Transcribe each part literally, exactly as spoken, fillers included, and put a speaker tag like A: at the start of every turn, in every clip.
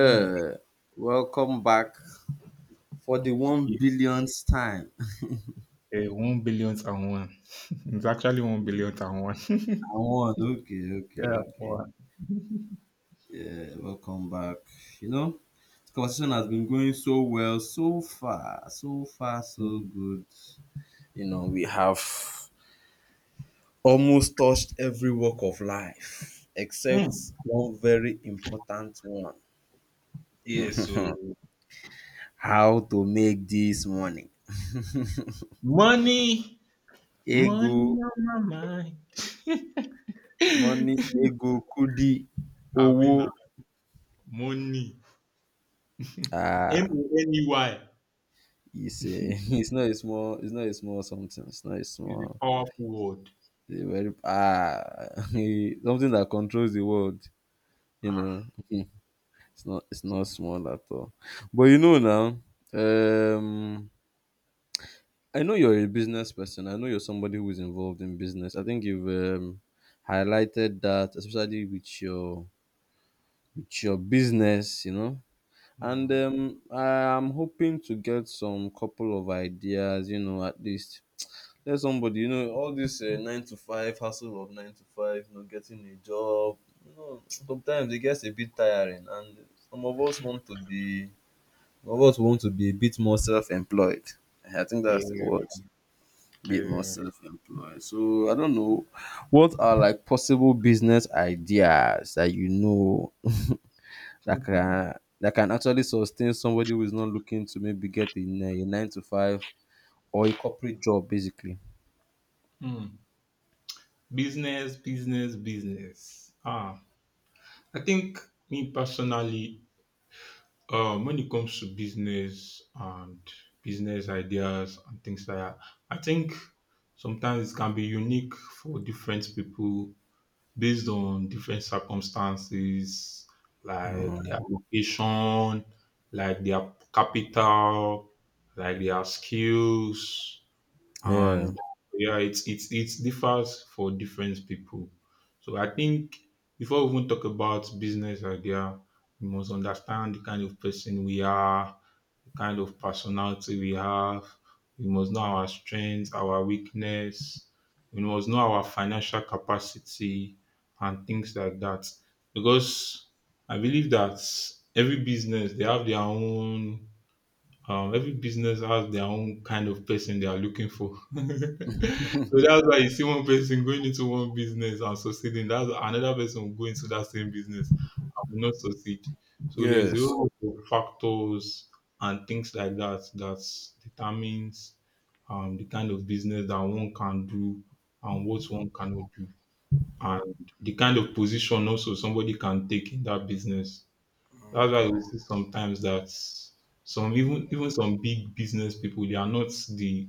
A: Mm.
B: welcome back for the one
A: Yeah,
B: billionth time.
A: one billionth and one. It's actually one billionth and one.
B: I won. Okay, okay,
A: yeah,
B: okay.
A: one.
B: Yeah, welcome back. You know, this conversation has been going so well so far, so far, so
A: Mm.
B: good. You know, we have almost touched every walk of life except
A: Mm.
B: one very important one:
A: Yeah, so
B: how to make this money.
A: money, money
B: Ego,
A: on my mind.
B: money, ego, kudi, owo.
A: Avina, money. M
B: Ah,
A: O N E Y
B: It's a, it's not a small, it's not a small something. It's not a
A: is
B: small,
A: a powerful word.
B: it's a very ah, something that controls the world. You
A: Ah,
B: know, it's not, it's not small at all. But you know now, um, I know you're a business person. I know you're somebody who is involved in business. I think you've um, highlighted that, especially with your with your business. You know, and
A: mm.
B: um, I'm hoping to get some couple of ideas. You know, at least tell somebody, you know, all this uh, nine to five hustle of nine to five, you know, getting a job, you know, sometimes it gets a bit tiring, and some of us want to be some of us want to be a bit more self-employed. I think
A: yeah,
B: that's the word. Bit more
A: yeah.
B: self-employed, so I don't know what are like possible business ideas that, you know, that can that can actually sustain somebody who is not looking to maybe get a, ni- a nine to five or a corporate job basically.
A: Mm. Business, business, business. Ah, I think me personally, Um, when it comes to business and business ideas and things like that, I think sometimes it can be unique for different people based on different circumstances, like their location, like their capital, like their skills
B: Yeah.
A: and yeah, it's it's it differs for different people. So I think before we even talk about business idea, we must understand the kind of person we are, the kind of personality we have. We must know our strengths, our weakness. We must know our financial capacity and things like that. Because I believe that every business they have their own um, every business has their own kind of person they are looking for. So that's why you see one person going into one business and succeeding. That's another person will go into that same business and will not succeed. So there's a
B: Yes.
A: lot of factors and things like that that determines um, the kind of business that one can do and what one cannot do, and the kind of position also somebody can take in that business. That's why we see sometimes that some even even some big business people they are not the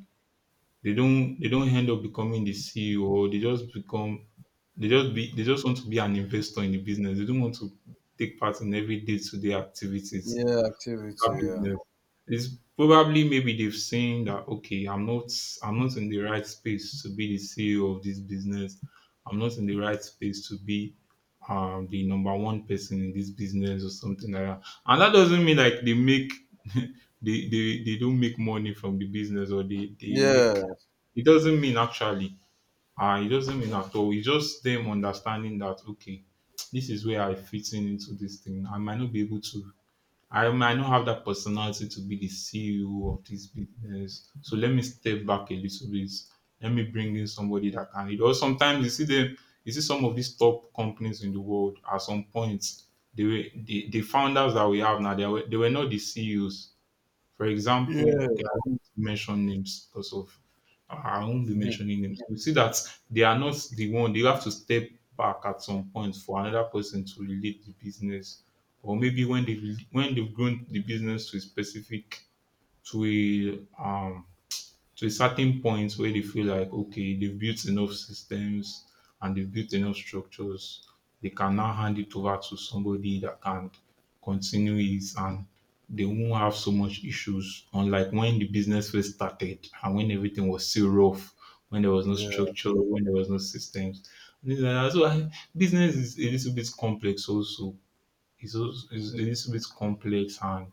A: they don't they don't end up becoming the C E O or they just become they just be they just want to be an investor in the business. They don't want to take part in every day to day activities
B: Yeah, activity.
A: that business. It's probably maybe they've seen that okay, I'm not I'm not in the right space to be the C E O of this business. I'm not in the right space to be um the number one person in this business or something like that. And that doesn't mean like they make they, they they don't make money from the business or they, they
B: Yeah.
A: make
B: Yes.
A: It doesn't mean actually. Uh, it doesn't mean at all. It's just them understanding that okay, this is where I fit in into this thing. I might not be able to I might not have that personality to be the C E O of this business. So let me step back a little bit. Let me bring in somebody that can lead. Or sometimes you see them, you see some of these top companies in the world at some point, they were the, the founders that we have now, they were, they were not the C E Os. For example,
B: Yeah.
A: okay, I won't mention names because of I won't be
B: Mhm.
A: mentioning names. You see that they are not the one. They have to step back at some point for another person to relate the business, or maybe when they when they've grown the business to a specific to a um to a certain point where they feel like okay they've built enough systems and they've built enough structures they can now hand it over to somebody that can continue it and they won't have so much issues unlike when the business first started and when everything was still rough, when there was no
B: Yeah.
A: structure, when there was no systems and things like that. so I, business is a little bit complex also, it's, also it's a little bit complex and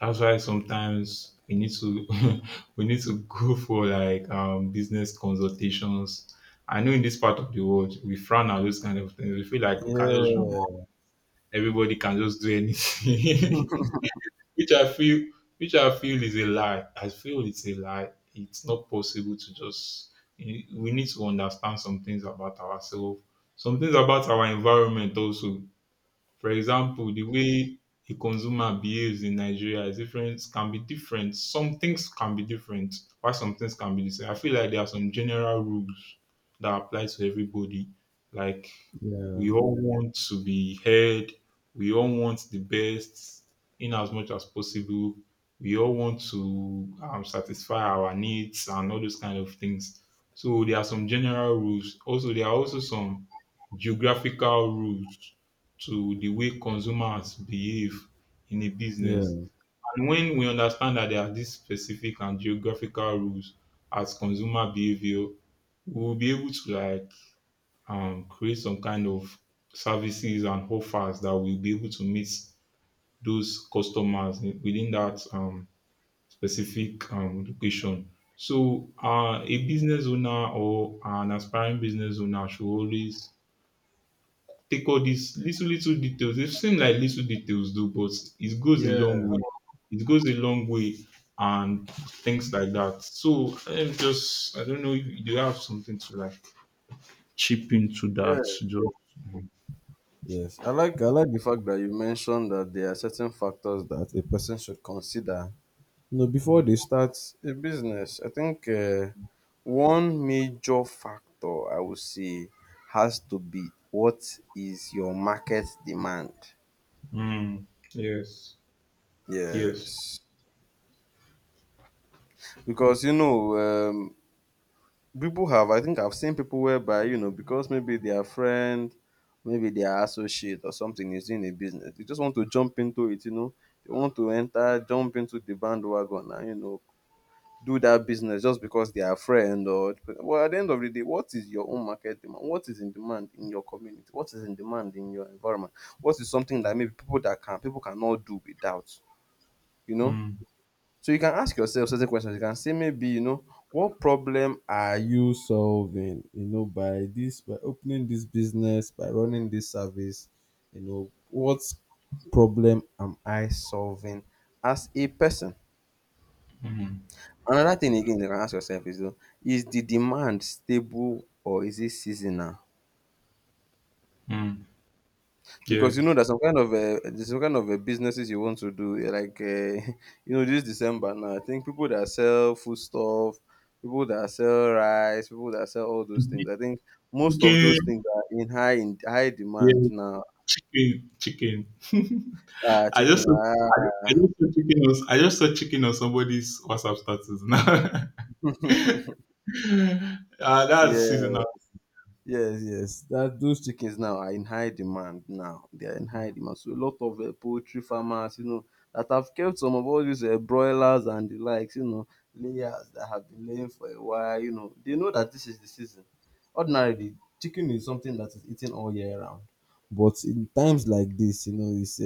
A: that's why sometimes we need to we need to go for like um business consultations. I know in this part of the world we frown at those kind of things. We feel like we can just run.
B: Yeah.
A: Everybody can just do anything. which I feel which I feel is a lie. I feel it's a lie. It's not possible to just We need to understand some things about ourselves, some things about our environment also. For example, the way a consumer behaves in Nigeria is different can be different. Some things can be different, while some things can be the same. I feel like there are some general rules that apply to everybody. Like
B: Yeah.
A: we all want to be heard, we all want the best in as much as possible. We all want to um, satisfy our needs and all those kind of things. So there are some general rules. Also, there are also some geographical rules to the way consumers behave in a
B: Yeah.
A: business. And when we understand that there are these specific and geographical rules as consumer behavior, we'll be able to like um, create some kind of services and offers that will be able to meet those customers in- within that um, specific um, location. So, uh, a business owner or an aspiring business owner should always take all these little little details. It seem like little details though, but it goes a
B: Yeah.
A: long way. It goes a long way and things like that. So I'm just I don't know if you have something to like chip into
B: Yes.
A: that. Just
B: Yes. I like I like the fact that you mentioned that there are certain factors that a person should consider. You know, before they start a business, I think uh, one major factor, I would say, has to be what is your market demand.
A: mm, yes, yes.
B: Yes. Because you know, um, people have, I think I've seen people whereby, you know, because maybe their friend, maybe their associate or something is in a business, they just want to jump into it, you know. They want to enter, jump into the bandwagon and, you know, do that business just because they are friend or well. At the end of the day, what is your own market demand? What is in demand in your community? What is in demand in your environment? What is something that maybe people that can people cannot do without? You know?
A: Mm,
B: So you can ask yourself certain questions. You can say maybe, you know, what problem are you solving, you know, by this, by opening this business, by running this service, you know, what problem am I solving as a person?
A: mm,
B: Another thing again you can ask yourself is, you is the demand stable or is it seasonal?
A: mm, yeah.
B: Because you know there's some kind of uh, there's some kind of uh, businesses you want to do, eh, like uh, you know this December now, I think people that sell food stuff, people that sell rice, people that sell all those things, I think most of those
A: Chicken,
B: things are in high, in high demand
A: yeah,
B: now.
A: chicken, chicken.
B: Ah,
A: I just
B: chicken,
A: saw- I I
B: ah.
A: just saw chicken on I just saw chicken on somebody's WhatsApp status now. Uh, that's
B: Yeah.
A: seasonal.
B: Yes, yes. That those chickens now are in high demand now. They are in high
A: Mm,
B: demand. So a lot of uh, poultry farmers, you know, that have kept some of all these uh, broilers and the likes, you know, layers that have been laying for a while, you know, they know that this is the season. Ordinarily, chicken is something that is eaten all year round. But in times like this, you know, it's a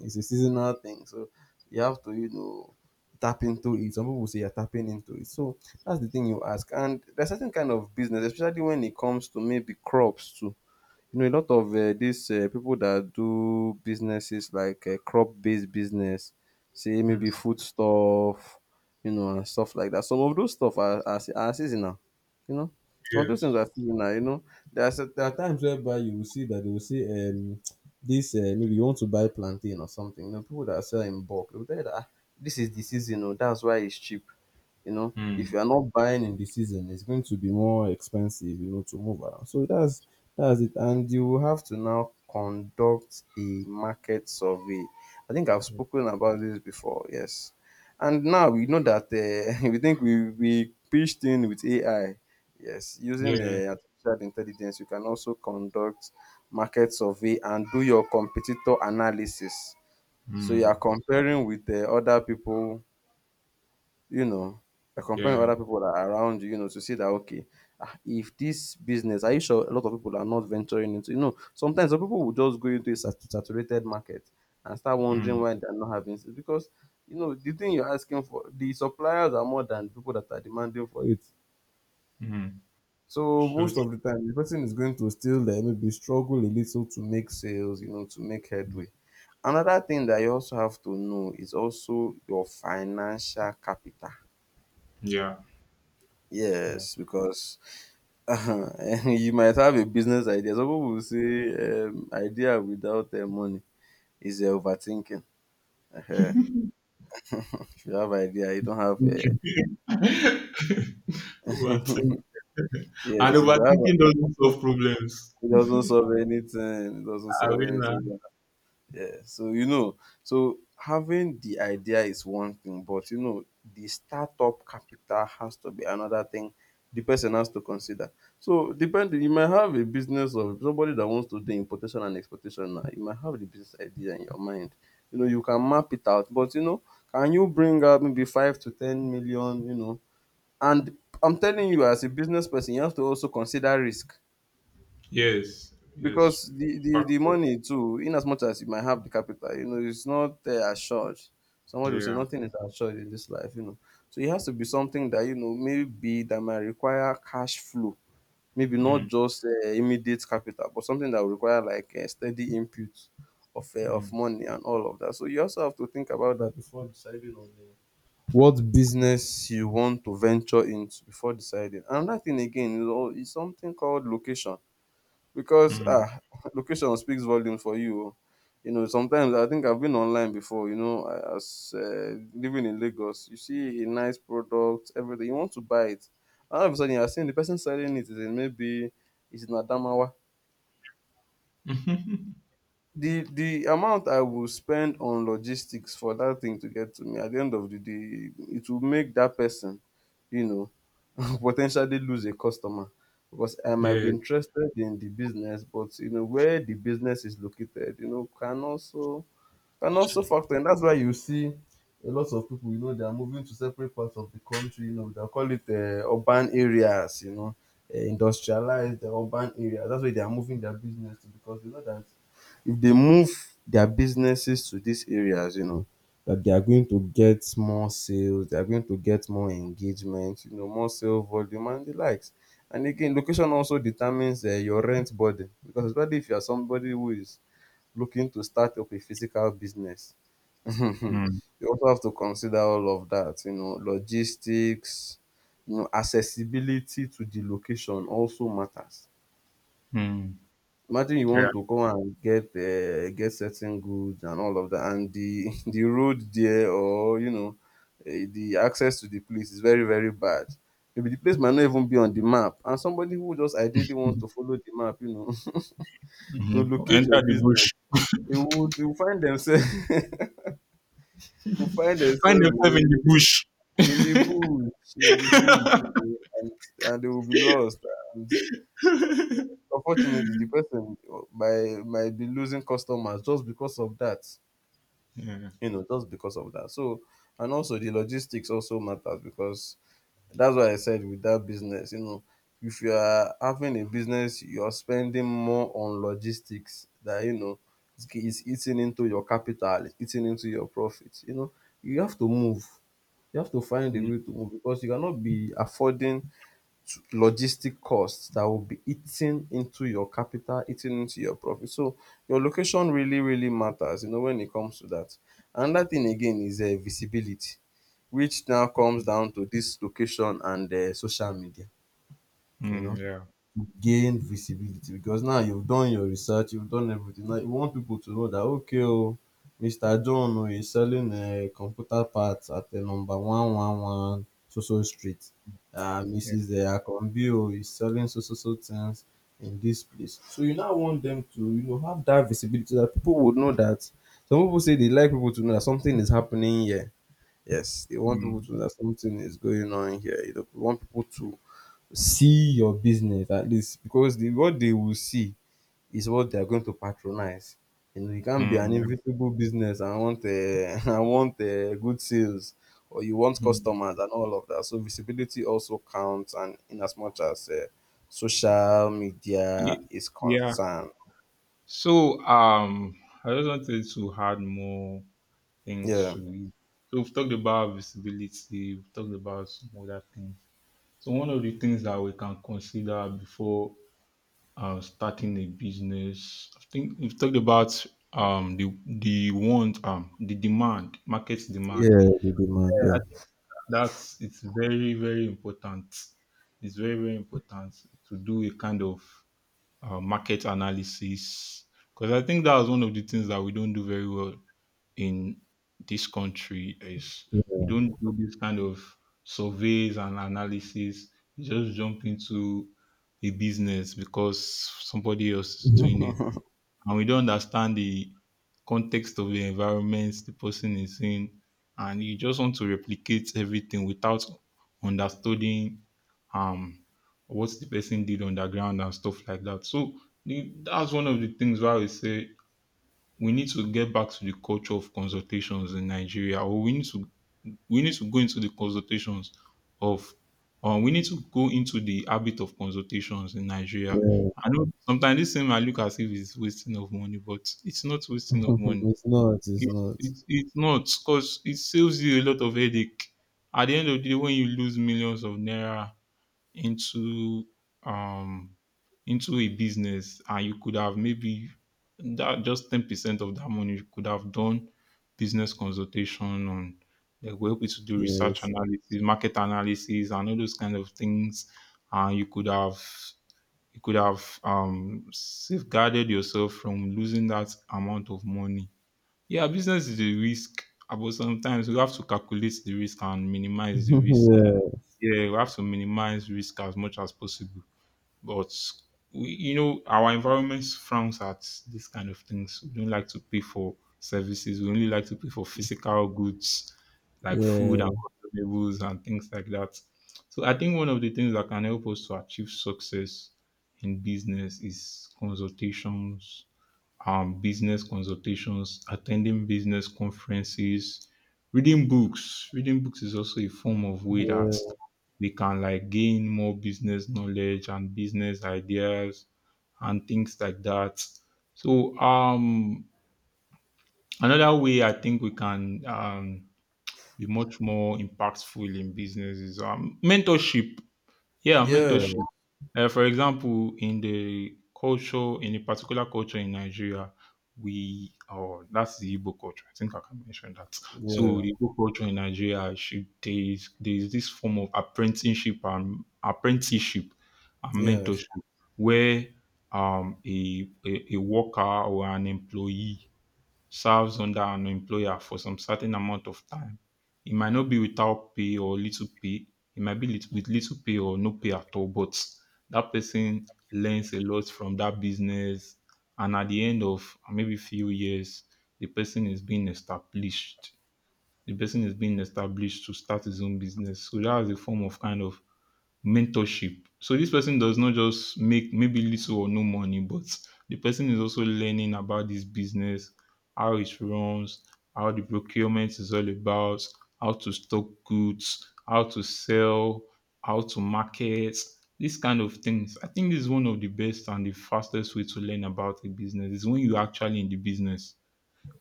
B: it's a seasonal thing. So you have to, you know, tap into it. Some people will say you're tapping into it. So that's the thing you ask. And there's certain kind of business, especially when it comes to maybe crops too. You know, a lot of uh, these uh, people that do businesses like uh, crop-based business, say maybe food stuff, you know, and stuff like that. Some of those stuff are, are, se- are seasonal, you know. Some of those things
A: yes.
B: are seasonal, you know. There are, cer- there are times whereby you will see that they will say, um, this, uh, maybe you want to buy plantain or something. You know, people that sell in bulk, they will tell you that, "Ah, this is the season, oh, that's why it's cheap. You know, if
A: Mm.
B: you are not buying in the season, it's going to be more expensive, you know, to move around, so that's that's it." And you will have to now conduct a market survey. I think I've spoken about this before. Yes. And now we know that uh, we think we, we pitched in with A I. Yes. Using
A: Yeah.
B: uh, artificial intelligence, you can also conduct market survey and do your competitor analysis. So you are
A: Mm.
B: comparing with uh, other people, you know, you're comparing
A: Yeah.
B: other people that are around you, you know, to see that okay, ah, if this business, are you sure a lot of people are not venturing into? You know, sometimes some people will just go into a sat- saturated market and start wondering
A: Mm.
B: why they're not having sales because you know the thing you're asking for, the suppliers are more than the people that are demanding for it.
A: Mm.
B: So
A: So
B: most of the time, the person is going to still there, maybe struggle a little to make sales, you know, to make
A: true.
B: headway. Another thing that you also have to know is also your financial capital.
A: Yeah. Yeah.
B: Yes, because you might have a business idea. Some people will say, um, idea without uh, money is uh, overthinking. Uh, if you have idea, you don't have. Uh,
A: Okay. Overthinking.
B: yes,
A: And
B: if you
A: overthinking
B: have,
A: doesn't solve problems.
B: it doesn't solve anything. It doesn't solve
A: Arena.
B: anything. Yeah, so you know, so having the idea is one thing, but you know, the startup capital has to be another thing the person has to consider. So depending, you might have a business of somebody that wants to do importation and exportation now. You might have the business idea in your mind. You know, you can map it out, but you know, can you bring out maybe five to ten million, you know? And I'm telling you, as a business person, you have to also consider risk
A: Yes. Yes.
B: because the, the the
A: Factor.
B: money too, in as much as you might have the capital, you know it's not uh, assured. Somebody will say
A: Yeah.
B: nothing is assured in this life, you know, so it has to be something that you know maybe that might require cash flow, maybe not
A: Mm.
B: just uh, immediate capital, but something that will require like a steady input of uh, of
A: Mm.
B: money and all of that, so you also have to think about that before deciding on the what business you want to venture into. Before deciding, another thing again is, al- is something called location, because
A: Mm.
B: ah, location speaks volume for you oh. You know sometimes I think I've been online before, you know, I- as uh, living in Lagos, you see a nice product, everything you want to buy it, and all of a sudden you're seeing the person selling it is in maybe is in Adamawa.
A: Mhm.
B: the the amount I will spend on logistics for that thing to get to me at the end of the day, it will make that person, you know, potentially lose a customer, because I might be
A: Yeah.
B: interested in the business, but you know where the business is located, you know, can also and also factor in. That's why you see a lot of people, you know, they are moving to separate parts of the country. You know, they'll call it uh, urban areas, you know, uh, industrialized uh, urban areas. That's why they are moving their business to, because they know that if they move their businesses to these areas, you know, that they are going to get more sales, they are going to get more engagement, you know, more sale volume and the likes. And again, location also determines uh, your rent burden, because especially if you are somebody who is looking to start up a physical business,
A: Mm.
B: you also have to consider all of that, you know, logistics, you know, accessibility to the location also matters.
A: Mm.
B: Imagine you want
A: Yeah.
B: to go and get um get certain goods and all of that, and the the road there, or you know, eh, the access to the place is very very bad. Maybe the place might not even be on the map, and somebody who just ideally wants
A: Mm.
B: to follow the map, you know, to
A: Mhm.
B: locate your
A: Enter the
B: business,
A: bush.
B: they would they would find themselves will find
A: Find
B: themselves, you
A: yourself in the
B: know,
A: bush.
B: in the bush, in the bush, you know, and, and they will be lost. And unfortunately, the person, uh, might, might be losing customers just because of that,
A: Yeah.
B: you know, just because of that. So, and also the logistics also matters because that's why I said with that business, you know, if you are having a business, you're spending more on logistics that, you know, it's it's eating into your capital, it's eating into your profit. You know, you have to move. You have to find a
A: Mm.
B: way to move because you cannot be affording to logistic costs that will be eating into your capital, eating into your profit. So your location really, really matters, you know, when it comes to that. Another thing again is uh, visibility, which now comes down to this location and uh, social media, you
A: Mm.
B: know,
A: Yeah.
B: to gain visibility. Because now you've done your research, you've done everything. Now you want people to know that okay, oh, mister John oh, is selling uh, computer parts at the number one one one so so street. Uh,
A: Yeah.
B: missus Uh, Akonbi oh, is selling so so so things in this place. So you now want them to, you know, have that visibility that people would know that. Some people say they like people to know that something is happening here. Yes, they want people
A: Mm.
B: to know that something is going on here. You know, they want people to see your business at least, because the, what they will see is what they are going to patronize. You know, you can't
A: Mm.
B: be an
A: Yeah.
B: invisible business and want uh, and want uh, good sales, or you want
A: Hmm.
B: customers and all of that. So visibility also counts, and in as much as uh, social media
A: Ye-
B: is
A: Yeah.
B: concerned,
A: So um, I just wanted to add more things
B: yeah,
A: to it. So we've talked about visibility. We've talked about some other things. So one of the things that we can consider before um, starting a business, I think we've talked about um the the want um the demand, market demand.
B: yeah, the demand,
A: Yeah, I
B: yeah,
A: think that's it's very very important. It's very very important to do a kind of uh, market analysis, because I think that was one of the things that we don't do very well in this country is we don't do this kind of surveys and analysis. You just jump into a business because somebody else is doing it,
B: yeah,
A: and we don't understand the context of the environment the person is in, and you just want to replicate everything without understanding um what the person did underground and stuff like that. So the, that's one of the things why we say we need to get back to the culture of consultations in Nigeria, or we need to we need to go into the consultations of um, we need to go into the habit of consultations in Nigeria.
B: yeah.
A: I know sometimes this thing might look as if it's wasting of money, but it's not wasting of money.
B: It's not, it's
A: It's,
B: not.
A: it's, it's not, because it saves you a lot of headache. At the end of the day, when you lose millions of naira into um into a business and you could have maybe that just ten percent of that money you could have done business consultation on, they will help you to do research
B: Yes.
A: analysis, market analysis and all those kind of things, and you could have you could have um safeguarded yourself from losing that amount of money. Yeah, business is a risk, uh, but sometimes you have to calculate the risk and minimize the risk. Yeah, we have to minimize risk as much as possible. But we, you know, our environment frowns at this kind of things. We don't like to pay for services. We only like to pay for physical goods like food and
B: Yeah.
A: consumables and things like that. So I think one of the things that can help us to achieve success in business is consultations, um, business consultations, attending business conferences, reading books. Reading books is also a form of way that
B: Yeah.
A: they can like gain more business knowledge and business ideas and things like that. So um another way I think we can um be much more impactful in business is um mentorship. Yeah,
B: Yeah. Yeah.
A: mentorship, uh, for example, in the culture, in a particular culture in Nigeria, we or that's the Igbo culture. I think I can mention that. So
B: Yeah.
A: the Igbo culture in Nigeria, should, there's there's this form of apprenticeship and apprenticeship and
B: Yes.
A: mentorship where um a, a, a worker or an employee serves under an employer for some certain amount of time. It might not be without pay or little pay. It might be lit- with little pay or no pay at all, but that person learns a lot from that business. And at the end of maybe few years, the person is being established. The person is being established to start his own business. So that is a form of kind of mentorship. So this person does not just make maybe little or no money, but the person is also learning about this business, how it runs, how the procurement is all about, how to stock goods, how to sell, how to market, these kind of things. I think this is one of the best and the fastest way to learn about a business is when you are actually in the business.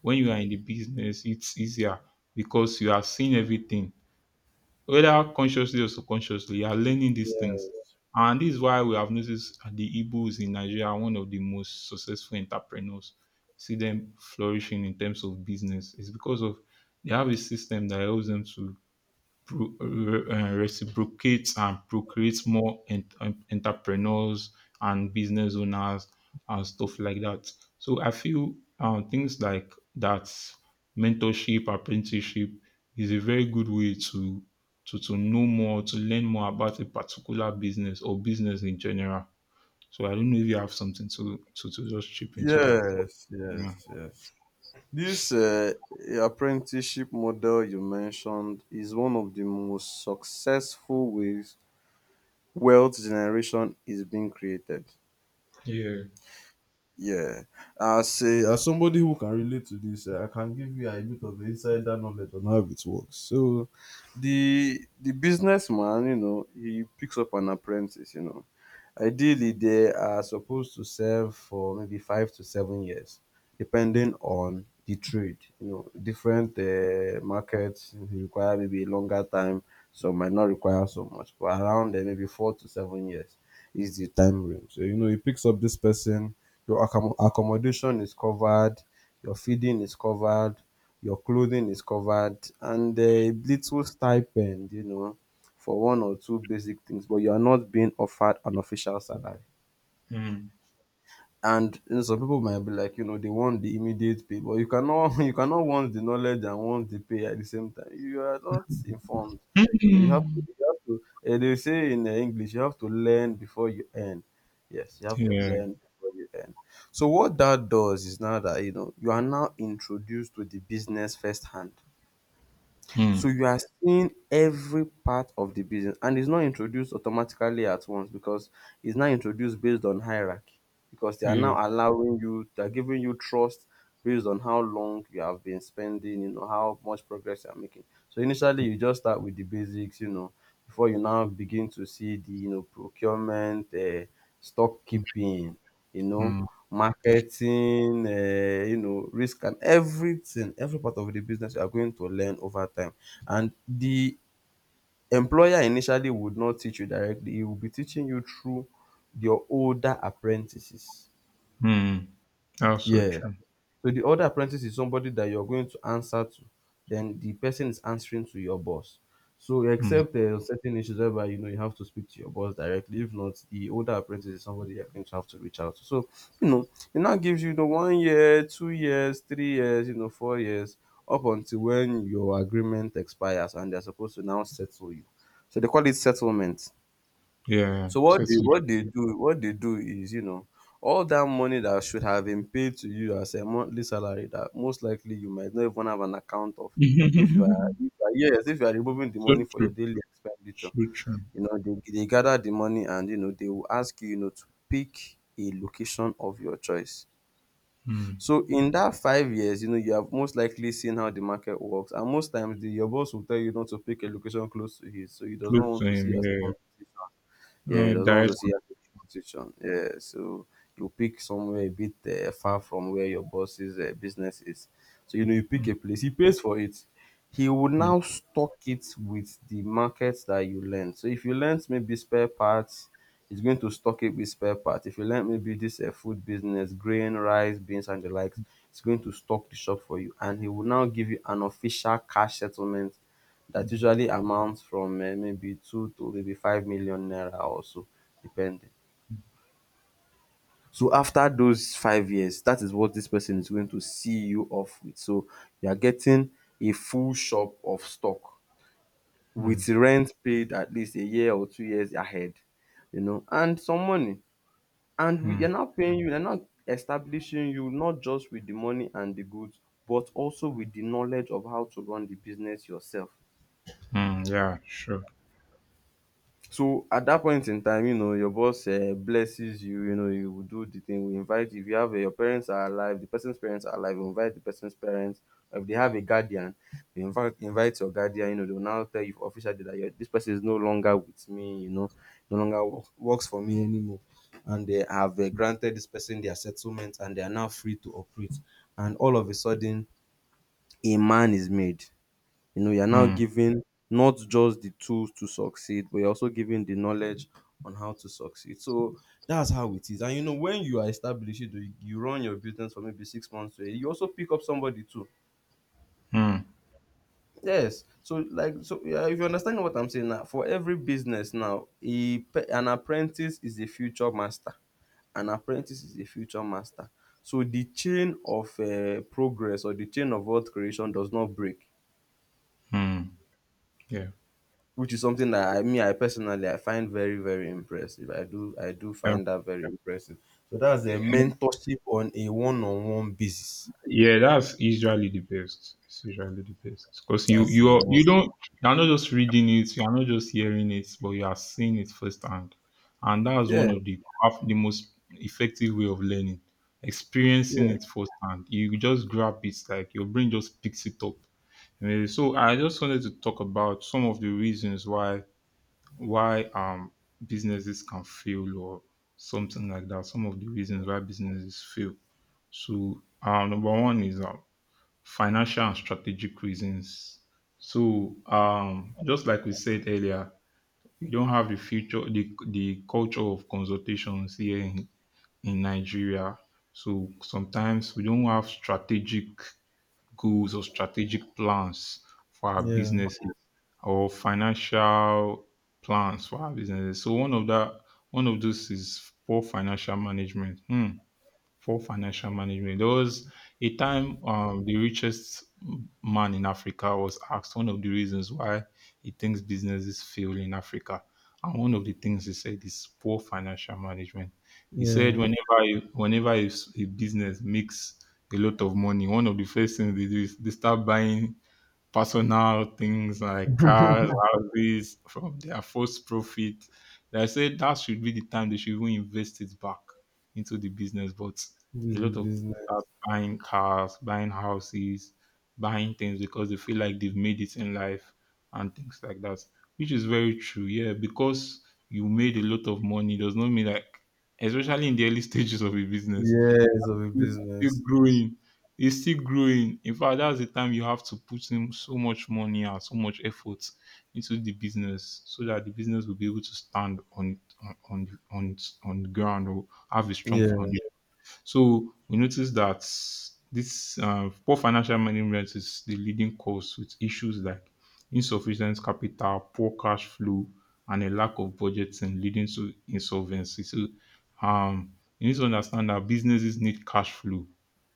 A: When you are in the business, it's easier because you are seeing everything, whether consciously or subconsciously, you are learning these things.
B: Yes.
A: And this is why we have noticed that the Igbos in Nigeria are one of the most successful entrepreneurs. See them flourishing in terms of business. It's because of they have a system that helps them to pro- uh, uh, reciprocate and procreate more en- en- entrepreneurs and business owners and stuff like that. So I feel um, things like that, mentorship, apprenticeship, is a very good way to to to know more, to learn more about a particular business or business in general. So I don't know if you have something to to, to just chip into that.
B: Yes.
A: Yeah.
B: Yes. Yes. This uh, apprenticeship model you mentioned is one of the most successful ways wealth generation is being created.
A: Yeah.
B: Yeah, as a, as somebody who can relate to this, uh, I can give you a bit of insider knowledge on how it works. So, the the businessman, you know, he picks up an apprentice, you know, ideally, they are supposed to serve for maybe five to seven years, depending on the trade. You know, different uh, markets require maybe a longer time, some might not require so much, but around uh, maybe four to seven years is the time range. So, you know, he picks up this person, your accom- accommodation is covered, your feeding is covered, your clothing is covered, and uh, a little stipend, you know, for one or two basic things, but you are not being offered an official salary.
A: Mm.
B: And you know, some people might be like, you know, they want the immediate pay, but you cannot you cannot want the knowledge and want the pay at the same time. You are not informed. You know, you have to,
A: Mm.
B: you have to eh, they say in eh, English, you have to learn before you earn. Yes, you have to
A: Yeah.
B: learn before you earn. So what that does is now that you know you are now introduced to the business firsthand. So
A: Mm.
B: you are seeing every part of the business, and it's not introduced automatically at once, because it's now introduced based on hierarchy, because they are
A: Yeah.
B: now allowing you, they're giving you trust based on how long you have been spending, you know, how much progress you're making. So initially you just start with the basics, you know, before you now begin to see the, you know, procurement, uh, stock keeping, you know,
A: Mm.
B: marketing, uh, you know, risk and everything. Every part of the business you are going to learn over time, and the employer initially would not teach you directly, he will be teaching you through your older apprentices.
A: Mm. Also
B: Yeah.
A: true.
B: So the other apprentice is somebody that you're going to answer to. Then the person is answering to your boss. So
A: Mm.
B: except uh, certain issues whereby you know you have to speak to your boss directly. If not, the older apprentice is somebody you're going to have to reach out to. So you know it now gives you the one year, two years, three years, you know, four years, up until when your agreement expires and they're supposed to now settle you. So they call it settlement.
A: Yeah,
B: So what they
A: certainly.
B: what they do what they do is you know all that money that should have been paid to you as a monthly salary that most likely you might not even have an account of if you are, if you are, yes, if you are removing the
A: So
B: money for your
A: true.
B: daily expenditure,
A: So true.
B: you know they, they gather the money, and you know they will ask you, you know, to pick a location of your choice.
A: Mm.
B: So in that five years, you know, you have most likely seen how the market works, and most times the, your boss will tell you not to pick a location close to his, so he does not
A: Close
B: want
A: to
B: to see
A: him.
B: you as a
A: Yeah.
B: competition. Yeah, he
A: Uh,
B: doesn't want to
A: direct.
B: see your situation. Yeah, so you pick somewhere a bit uh, far from where your boss's uh, business is. So you know you pick
A: Mm.
B: a place. He pays for it. He will
A: Mm.
B: now stock it with the markets that you lend. So if you lend maybe spare parts, it's going to stock it with spare parts. If you learn maybe this uh, food business, grain, rice, beans, and the likes, it's going to stock the shop for you. And he will now give you an official cash settlement that usually amounts from uh, maybe two to maybe five million naira or so, depending. So after those five years, that is what this person is going to see you off with. So you are getting a full shop of stock
A: Mm.
B: with rent paid at least a year or two years ahead, you know, and some money. And we are
A: Mm.
B: not paying you, they're not establishing you not just with the money and the goods, but also with the knowledge of how to run the business yourself.
A: Mm. Yeah. Sure.
B: So at that point in time, you know, your boss eh, blesses you, you know, you will do the thing, we invite you. If you have eh, your parents are alive, the person's parents are alive, we invite the person's parents. If they have a guardian, they invite invite your guardian, you know, they'll now tell you officially that your this person is no longer with me, you know, no longer wo- works for me anymore. And they have eh, granted this person their settlement, and they are now free to operate. And all of a sudden, a man is made, you know, you're now
A: Mm.
B: giving not just the tools to succeed, but you're also giving the knowledge on how to succeed. So that's how it is. And you know, when you are established, you, you run your business for maybe six months to a year, you also pick up somebody too.
A: Mm.
B: Yes. So like so yeah, if you understand what I'm saying now, for every business now, a, pe- an apprentice is a future master. An apprentice is a future master. So the chain of uh, progress or the chain of wealth creation does not break,
A: Mm. Yeah.
B: which is something that I mean I personally I find very, very impressive. I do I do find that very impressive. So that's a
A: Yeah.
B: mentorship on a one-on-one basis.
A: Yeah, that's usually the best. It's usually the best because you
B: That's
A: you
B: a,
A: are you don't, you are not just reading it, you are not just hearing it, but you are seeing it firsthand, and that's one
B: yeah,
A: of the half the most effective way of learning, experiencing
B: yeah.
A: it firsthand. You just grab it, like your brain just picks it up. Eh, So I just wanted to talk about some of the reasons why why um businesses can fail or something like that. Some of the reasons why businesses fail. So um, number one is um, financial and strategic reasons. So, um, just like we said earlier, we don't have the future, the, the culture of consultations here in, in Nigeria. So sometimes we don't have strategic goals or strategic plans for our
B: Yeah,
A: businesses or financial plans for our businesses. So one of that, one of those is poor financial management. Hmm. Poor financial management. There was a time, um, the richest man in Africa was asked one of the reasons why he thinks businesses fail in Africa. And one of the things he said is poor financial management. He said whenever a- whenever a, s- a business makes a lot of money, one of the first things they do is they start buying personal things like cars, houses from their first profit. They say that should be the time they should even invest it back into the business. But
B: this
A: a
B: is a
A: lot of people start
B: business.
A: buying cars, buying houses, buying things because they feel like they've made it in life and things like that, which is very true. Yeah, because you made a lot of money does not mean like, especially in the early stages of a business,
B: Yes, of a
A: yes, it's still
B: business.
A: growing. It's still growing. In fact, that's the time you have to put in so much money and so much effort into the business so that the business will be able to stand on on on on, on the ground or have a strong
B: Yeah.
A: foundation. So we notice that this uh, poor financial management is the leading cause, with issues like insufficient capital, poor cash flow, and a lack of budgeting leading to insolvency. So um, you need to understand that businesses need cash flow.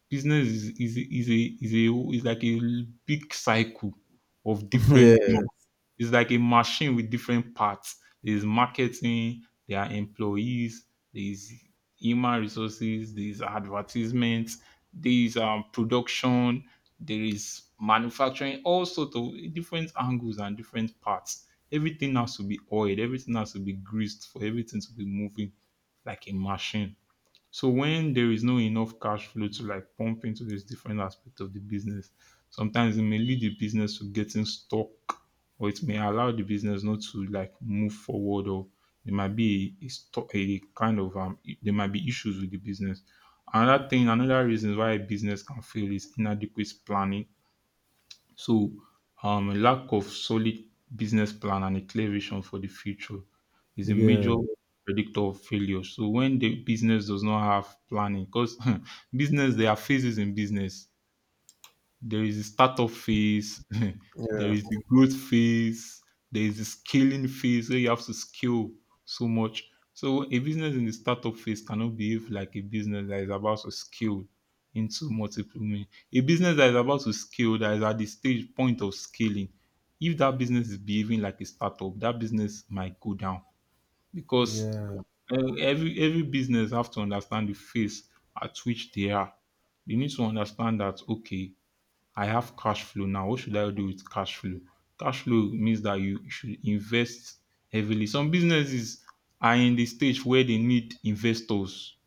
A: Business is is is a is a is like a big cycle of
B: Yeah.
A: different things. It's like a machine with different parts. There's marketing, there are employees, there's human resources, there's advertisements, there's um, production, there is manufacturing, all sorts of different angles and different parts. Everything has to be oiled, everything has to be greased for everything to be moving like a machine. So when there is no enough cash flow to like pump into this different aspect of the business, sometimes it may lead the business to getting stuck, or it may allow the business not to like move forward, or there might be a, a, sto- a kind of um I- there might be issues with the business. Another thing, another reason why a business can fail is inadequate planning. So, um, a lack of solid business plan and a clear vision for the future is a major
B: Yeah,
A: predictor of failure. So, when the business does not have planning, because business, there are phases in business. There is a startup phase, there
B: yeah,
A: is the growth phase, there is the scaling phase where you have to scale so much. So a business in the startup phase cannot behave like a business that is about to scale into multiple million. A business that is about to scale, that is at the stage point of scaling. If that business is behaving like a startup, that business might go down, because
B: yeah,
A: uh, every every business have to understand the phase at which they are. They need to understand that, okay, I have cash flow now. What should I do with cash flow? Cash flow means that you should invest heavily. Some businesses are in the stage where they need investors.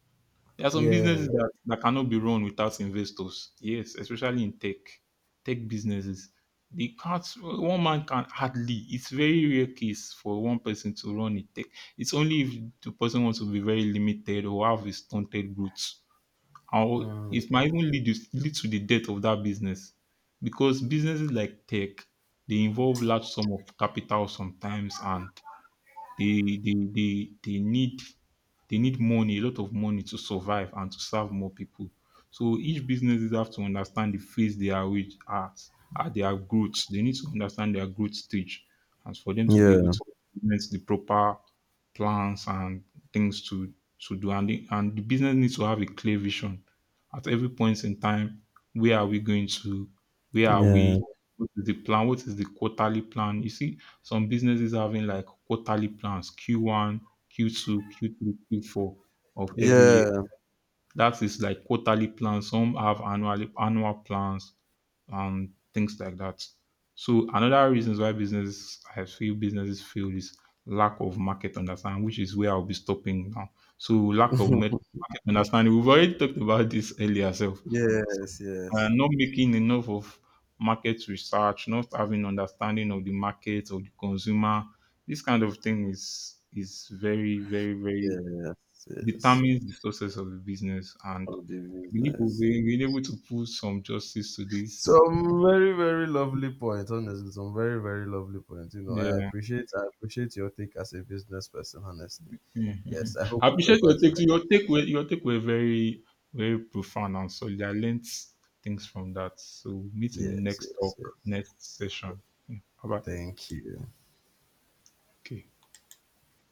A: There are some businesses
B: yeah.
A: that, that cannot be run without investors. Yes, especially in tech, tech businesses. They can't. One man can hardly. It's very rare case for one person to run a tech. It's only if the person wants to be very limited or have a stunted growth, or
B: Mm.
A: it might even lead, you, lead to the death of that business, because businesses like tech, they involve large sum of capital sometimes, and they they they they need they need money, a lot of money to survive and to serve more people. So each businesses have to understand the phase they are with at, at their growth. They need to understand their growth stage and for them to be able
B: Yeah.
A: to implement the proper plans and things to to do. And the, and the business needs to have a clear vision at every point in time. Where are we going to? Where are
B: Yeah.
A: we? What is the plan? What is the quarterly plan? You see, some businesses having like quarterly plans, Q one, Q two, Q three, Q four of every year.
B: yeah
A: That is like quarterly plans. Some have annual annual plans and things like that. So another reasons why businesses, I feel businesses fail, is lack of market understanding, which is where I'll be stopping now. So lack of met- market understanding. We've already talked about this earlier self,
B: yes. Yes.
A: uh, not making enough of market research, not having understanding of the market or the consumer. This kind of thing is is very, very, very
B: Yes. Yes.
A: determines the success of the business. And
B: Of the
A: I believe we've
B: business.
A: been been able to put some justice to this.
B: Some very, very lovely point, honestly. Some very, very lovely points. You know, I
A: Yeah,
B: appreciate I appreciate your take as a business person, honestly. Yes, I hope
A: I
B: we get
A: appreciate
B: back
A: your
B: to
A: take.
B: that.
A: Your take were your take were very, very profound and solid. I learned things from that. So meet in the
B: Yes,
A: next
B: yes,
A: talk,
B: yes.
A: next session. Yeah, bye bye.
B: Thank you.
A: Okay.